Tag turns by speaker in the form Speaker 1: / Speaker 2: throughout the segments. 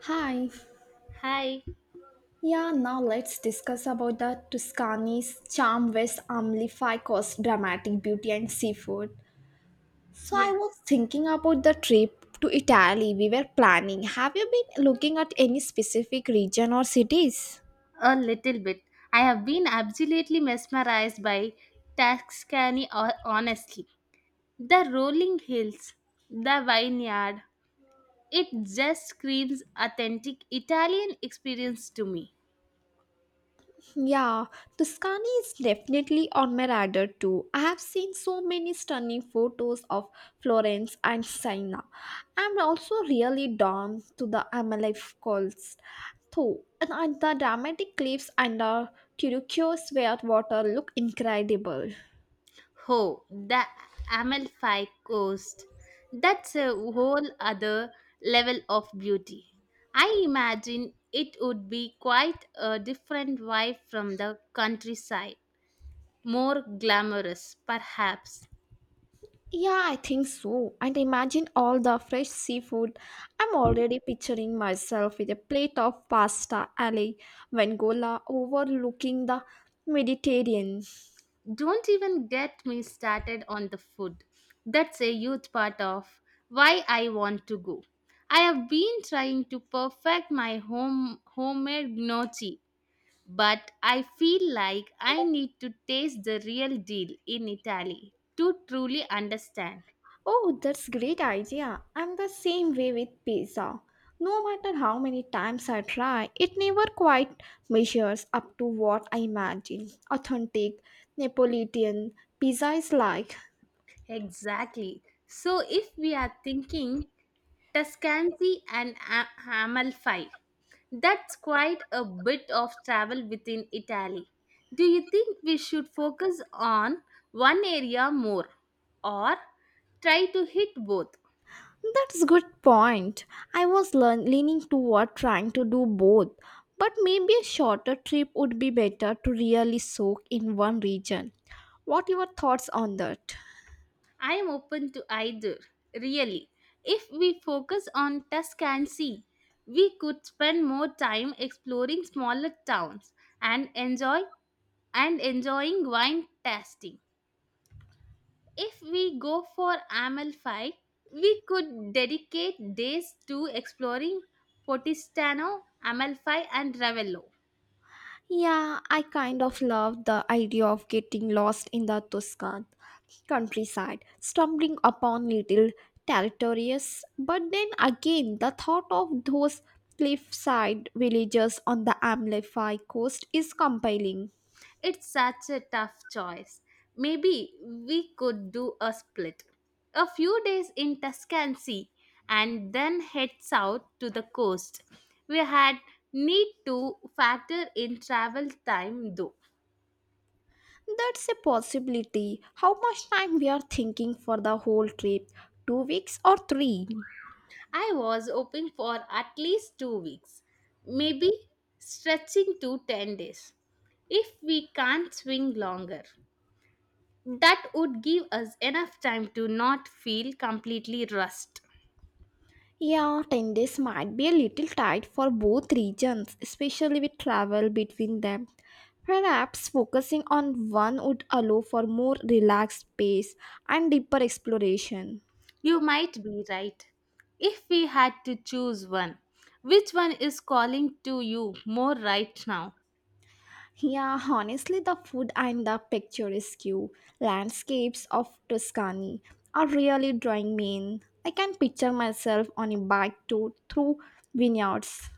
Speaker 1: Hi.
Speaker 2: Hi.
Speaker 1: Yeah, now let's discuss about the Tuscany's charm West Amplificos dramatic beauty and seafood. So I
Speaker 2: Yeah,
Speaker 1: was thinking about the trip to Italy we were planning. Have you been looking at any specific region or cities?
Speaker 2: a little bit. I have been absolutely mesmerized by Tuscany, honestly. The rolling hills, the vineyard, it just screams authentic Italian experience to me.
Speaker 1: Yeah, Tuscany is definitely on my radar too. I have seen so many stunning photos of Florence and Siena. I'm also really drawn to the Amalfi Coast, though, and the dramatic cliffs and the turquoise where water look incredible.
Speaker 2: Oh, the Amalfi Coast. That's a whole other level of beauty. I imagine it would be quite a different vibe from the countryside, more glamorous, perhaps.
Speaker 1: Yeah, I think so. And imagine all the fresh seafood. I'm already picturing myself with a plate of pasta alle vengola overlooking the Mediterranean.
Speaker 2: Don't even get me started on the food. That's a huge part of why I want to go. I have been trying to perfect my homemade gnocchi, but I feel like I need to taste the real deal in Italy to truly understand.
Speaker 1: Oh, that's great idea. I'm the same way with pizza. No matter how many times I try, it never quite measures up to what I imagine Authentic Neapolitan pizza is like.
Speaker 2: Exactly. So if we are thinking Tuscany and Amalfi, that's quite a bit of travel within Italy. Do you think we should focus on one area more, or try to hit both?
Speaker 1: That's good point. I was leaning toward trying to do both, but maybe a shorter trip would be better to really soak in one region. What are your thoughts on that?
Speaker 2: I am open to either, really. If we focus on Tuscany, we could spend more time exploring smaller towns and enjoying wine tasting. If we go for Amalfi, we could dedicate days to exploring Potistano, Amalfi, and Ravello.
Speaker 1: Yeah, I kind of love the idea of getting lost in the Tuscan countryside, stumbling upon little territories. But then again, the thought of those cliffside villages on the Amalfi coast is compelling.
Speaker 2: It's such a tough choice. Maybe we could do a split. A few days in Tuscany and then head south to the coast. We had need to factor in travel time though.
Speaker 1: That's a possibility. How much time we are thinking for the whole trip? 2 weeks or three?
Speaker 2: I was hoping for at least 2 weeks, maybe stretching to 10 days. If we can't swing longer, that would give us enough time to not feel completely rust.
Speaker 1: Yeah, 10 days might be a little tight for both regions, especially with travel between them. Perhaps focusing on one would allow for more relaxed pace and deeper exploration.
Speaker 2: You might be right. If we had to choose one, which one is calling to you more right now?
Speaker 1: Yeah, honestly, the food and the picturesque landscapes of Tuscany are really drawing me in. I can picture myself on a bike tour through vineyards.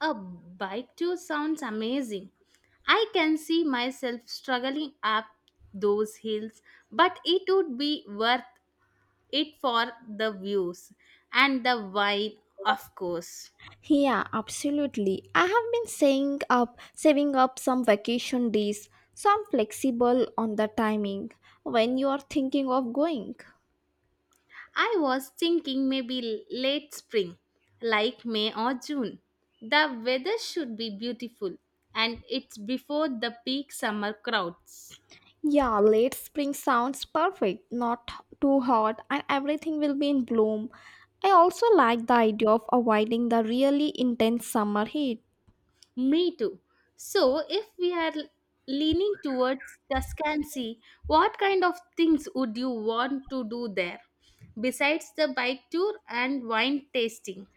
Speaker 2: A bike tour sounds amazing. I can see myself struggling up those hills, but it would be worth it for the views and the wine, of course.
Speaker 1: Yeah, absolutely. I have been saying up saving up some vacation days, so I'm flexible on the timing when you are thinking of going.
Speaker 2: I was thinking maybe late spring, like May or June. The weather should be beautiful and it's before the peak summer crowds.
Speaker 1: Yeah, late spring sounds perfect, not too hot, and everything will be in bloom. I also like the idea of avoiding the really intense summer heat.
Speaker 2: Me too. So, if we are leaning towards Tuscany, what kind of things would you want to do there besides the bike tour and wine tasting?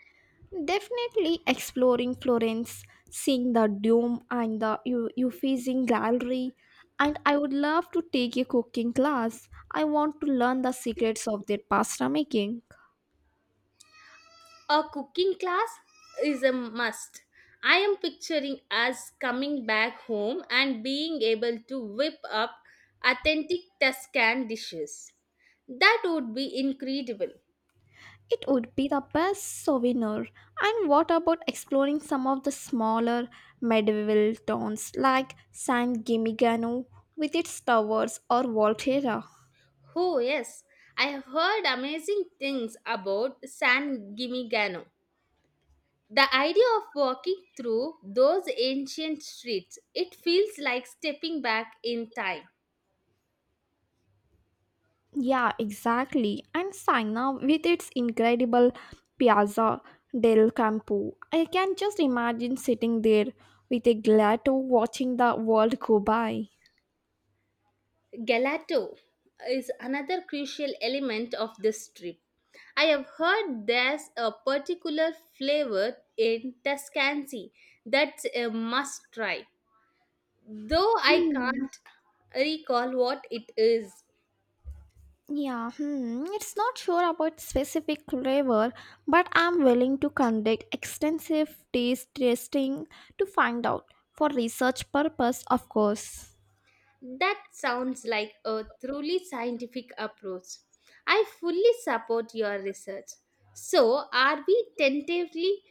Speaker 1: Definitely exploring Florence, seeing the Dome and the Uffizi Gallery, and I would love to take a cooking class. I want to learn the secrets of their pasta making.
Speaker 2: A cooking class is a must. I am picturing us coming back home and being able to whip up authentic Tuscan dishes. That would be incredible.
Speaker 1: It would be the best souvenir. And what about exploring some of the smaller medieval towns like San Gimignano with its towers or Volterra?
Speaker 2: Oh, yes, I have heard amazing things about San Gimignano. The idea of walking through those ancient streets, it feels like stepping back in time.
Speaker 1: Yeah, exactly. And China, with its incredible Piazza del Campo, I can just imagine sitting there with a gelato watching the world go by.
Speaker 2: Gelato is another crucial element of this trip. I have heard there's a particular flavor in Tuscany that's a must try, though I
Speaker 1: Hmm.
Speaker 2: can't recall what it is.
Speaker 1: Yeah, hmm. It's not sure about specific flavor, but I'm willing to conduct extensive taste testing to find out for research purpose, of course.
Speaker 2: That sounds like a truly scientific approach. I fully support your research. So, are we tentatively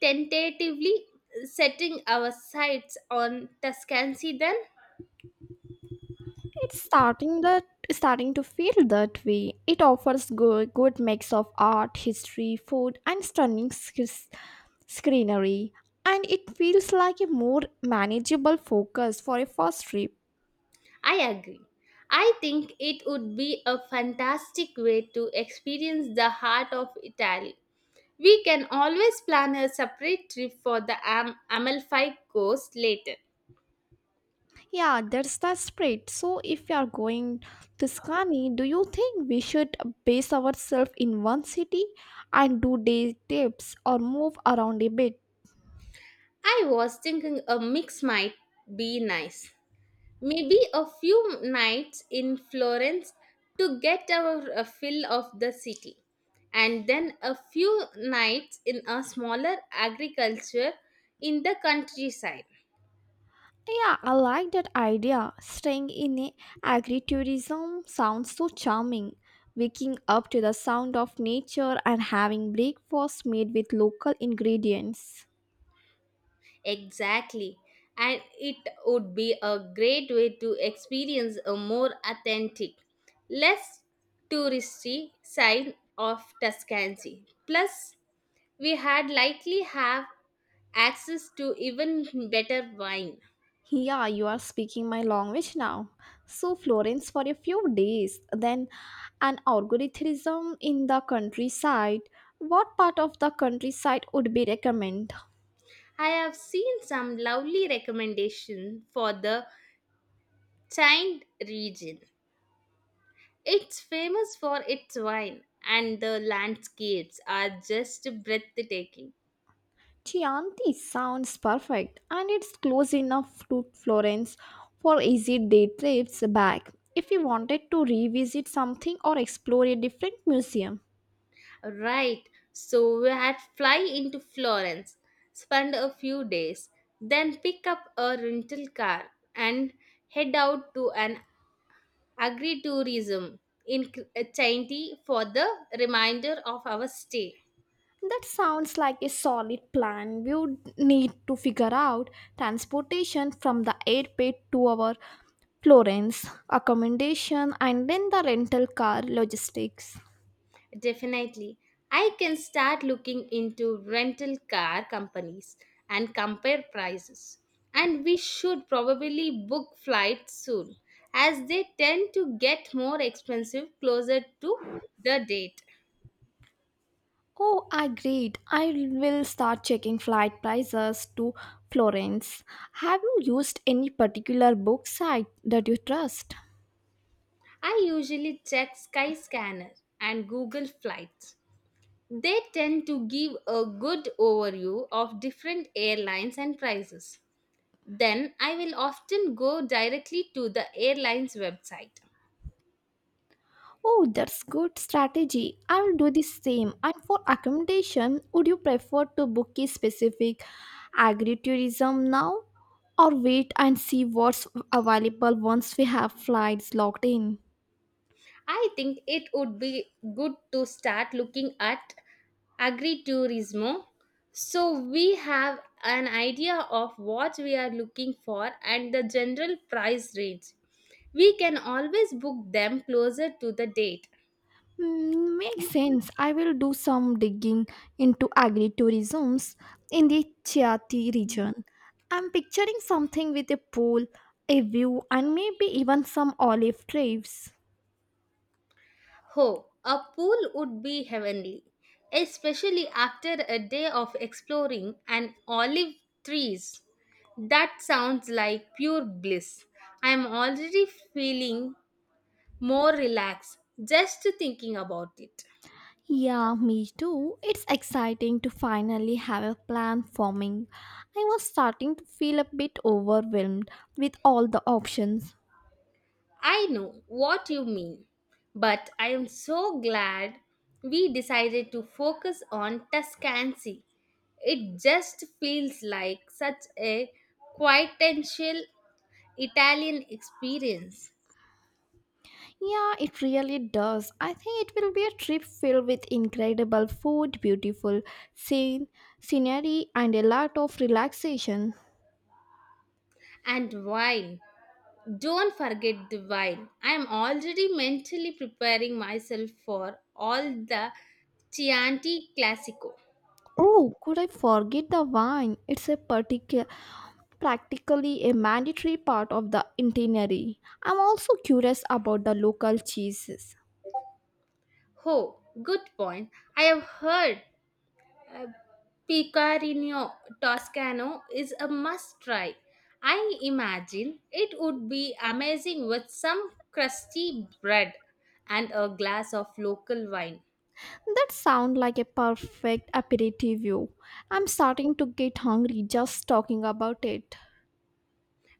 Speaker 2: tentatively setting our sights on Tuscany then?
Speaker 1: It's starting that Starting to feel that way. It offers good mix of art, history, food, and stunning screenery, and it feels like a more manageable focus for a first trip.
Speaker 2: I agree. I think it would be a fantastic way to experience the heart of Italy. We can always plan a separate trip for the Amalfi Coast later.
Speaker 1: Yeah, that's the spirit. So, if you are going to Scani, do you think we should base ourselves in one city and do day trips or move around a bit?
Speaker 2: I was thinking a mix might be nice. Maybe a few nights in Florence to get our a fill of the city, and then a few nights in a smaller agriculture in the countryside.
Speaker 1: Yeah, I like that idea. Staying in a agritourism sounds so charming. Waking up to the sound of nature and having breakfast made with local ingredients.
Speaker 2: Exactly. And it would be a great way to experience a more authentic, less touristy side of Tuscany. Plus, we had likely have access to even better wine.
Speaker 1: Yeah, you are speaking my language now. So Florence for a few days, then an algorithm in the countryside. What part of the countryside would be recommend?
Speaker 2: I have seen some lovely recommendation for the Chianti region. It's famous for its wine and the landscapes are just breathtaking.
Speaker 1: Chianti sounds perfect and it's close enough to Florence for easy day trips back if we wanted to revisit something or explore a different museum.
Speaker 2: Right. So we had fly into Florence, spend a few days, then pick up a rental car and head out to an agritourism in Chianti for the remainder of our stay.
Speaker 1: That sounds like a solid plan. We would need to figure out transportation from the airport to our Florence, accommodation, and then the rental car logistics.
Speaker 2: Definitely. I can start looking into rental car companies and compare prices. And we should probably book flights soon as they tend to get more expensive closer to the date.
Speaker 1: Oh, I agreed. I will start checking flight prices to Florence. Have you used any particular book site that you trust?
Speaker 2: I usually check Skyscanner and Google Flights. They tend to give a good overview of different airlines and prices. Then I will often go directly to the airline's website.
Speaker 1: Oh, that's good strategy. I will do the same. And for accommodation, would you prefer to book a specific agritourism now or wait and see what's available once we have flights locked in?
Speaker 2: I think it would be good to start looking at agritourism so we have an idea of what we are looking for and the general price range. We can always book them closer to the date.
Speaker 1: Hmm, makes sense. I will do some digging into agritourisms in the Chiati region. I'm picturing something with a pool, a view, and maybe even some olive trees.
Speaker 2: Oh, a pool would be heavenly, especially after a day of exploring and olive trees. That sounds like pure bliss. I am already feeling more relaxed just thinking about it.
Speaker 1: Yeah, me too. It's exciting to finally have a plan forming. I was starting to feel a bit overwhelmed with all the options.
Speaker 2: I know what you mean, but I am so glad we decided to focus on Tuscany. It just feels like such a quintessential Italian experience.
Speaker 1: Yeah, it really does. I think it will be a trip filled with incredible food, beautiful scene, scenery, and a lot of relaxation.
Speaker 2: And wine. Don't forget the wine. I am already mentally preparing myself for all the Chianti Classico.
Speaker 1: Oh, could I forget the wine? It's a practically a mandatory part of the itinerary. I'm also curious about the local cheeses.
Speaker 2: Oh, good point. I have heard Uh, Picorino Toscano is a must try. I imagine it would be amazing with some crusty bread and a glass of local wine.
Speaker 1: That sound like a perfect aperitivo. I'm starting to get hungry just talking about it.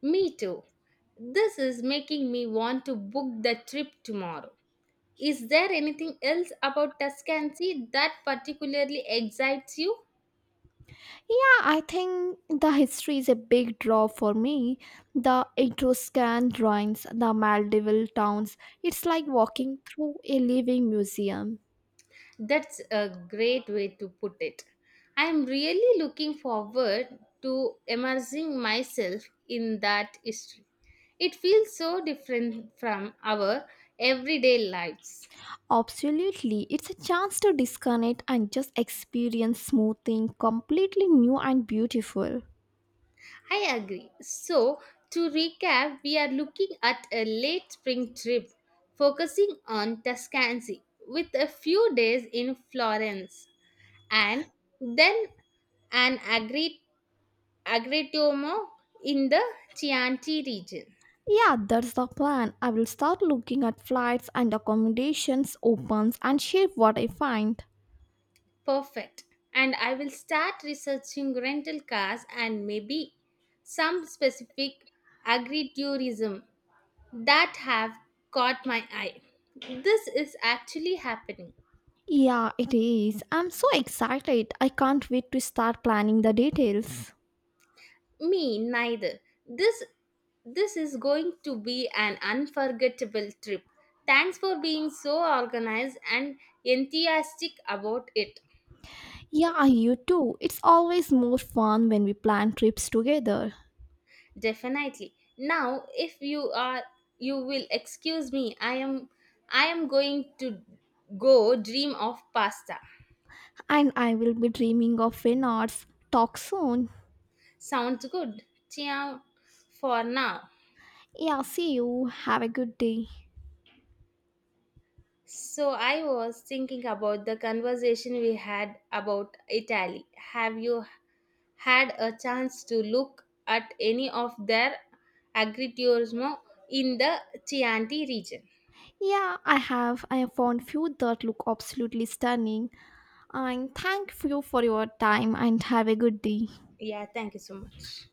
Speaker 2: Me too. This is making me want to book the trip tomorrow. Is there anything else about Tuscany that particularly excites you?
Speaker 1: Yeah, I think the history is a big draw for me. The Etruscan drawings, the medieval towns, it's like walking through a living museum.
Speaker 2: That's a great way to put it. I am really looking forward to immersing myself in that history. It feels so different from our everyday lives.
Speaker 1: Absolutely, it's a chance to disconnect and just experience something completely new and beautiful.
Speaker 2: I agree. So, to recap, we are looking at a late spring trip focusing on Tuscany with a few days in Florence and then an agrituomo in the Chianti region.
Speaker 1: Yeah, that's the plan. I will start looking at flights and accommodations, opens, and share what I find.
Speaker 2: Perfect. And I will start researching rental cars and maybe some specific agri-tourism that have caught my eye. This is actually happening.
Speaker 1: Yeah, it is. I'm so excited. I can't wait to start planning the details.
Speaker 2: Me neither. This this is going to be an unforgettable trip. Thanks for being so organized and enthusiastic about it.
Speaker 1: Yeah, you too. It's always more fun when we plan trips together.
Speaker 2: Definitely. Now, if you are, you will excuse me. I am going to go dream of pasta.
Speaker 1: And I will be dreaming of Renards. Talk soon.
Speaker 2: Sounds good. Ciao for now.
Speaker 1: Yeah, see you. Have a good day.
Speaker 2: So I was thinking about the conversation we had about Italy. Have you had a chance to look at any of their agriturismo in the Chianti region?
Speaker 1: Yeah, I have. I have found few that look absolutely stunning. And thank you for your time and have a good day.
Speaker 2: Yeah, thank you so much.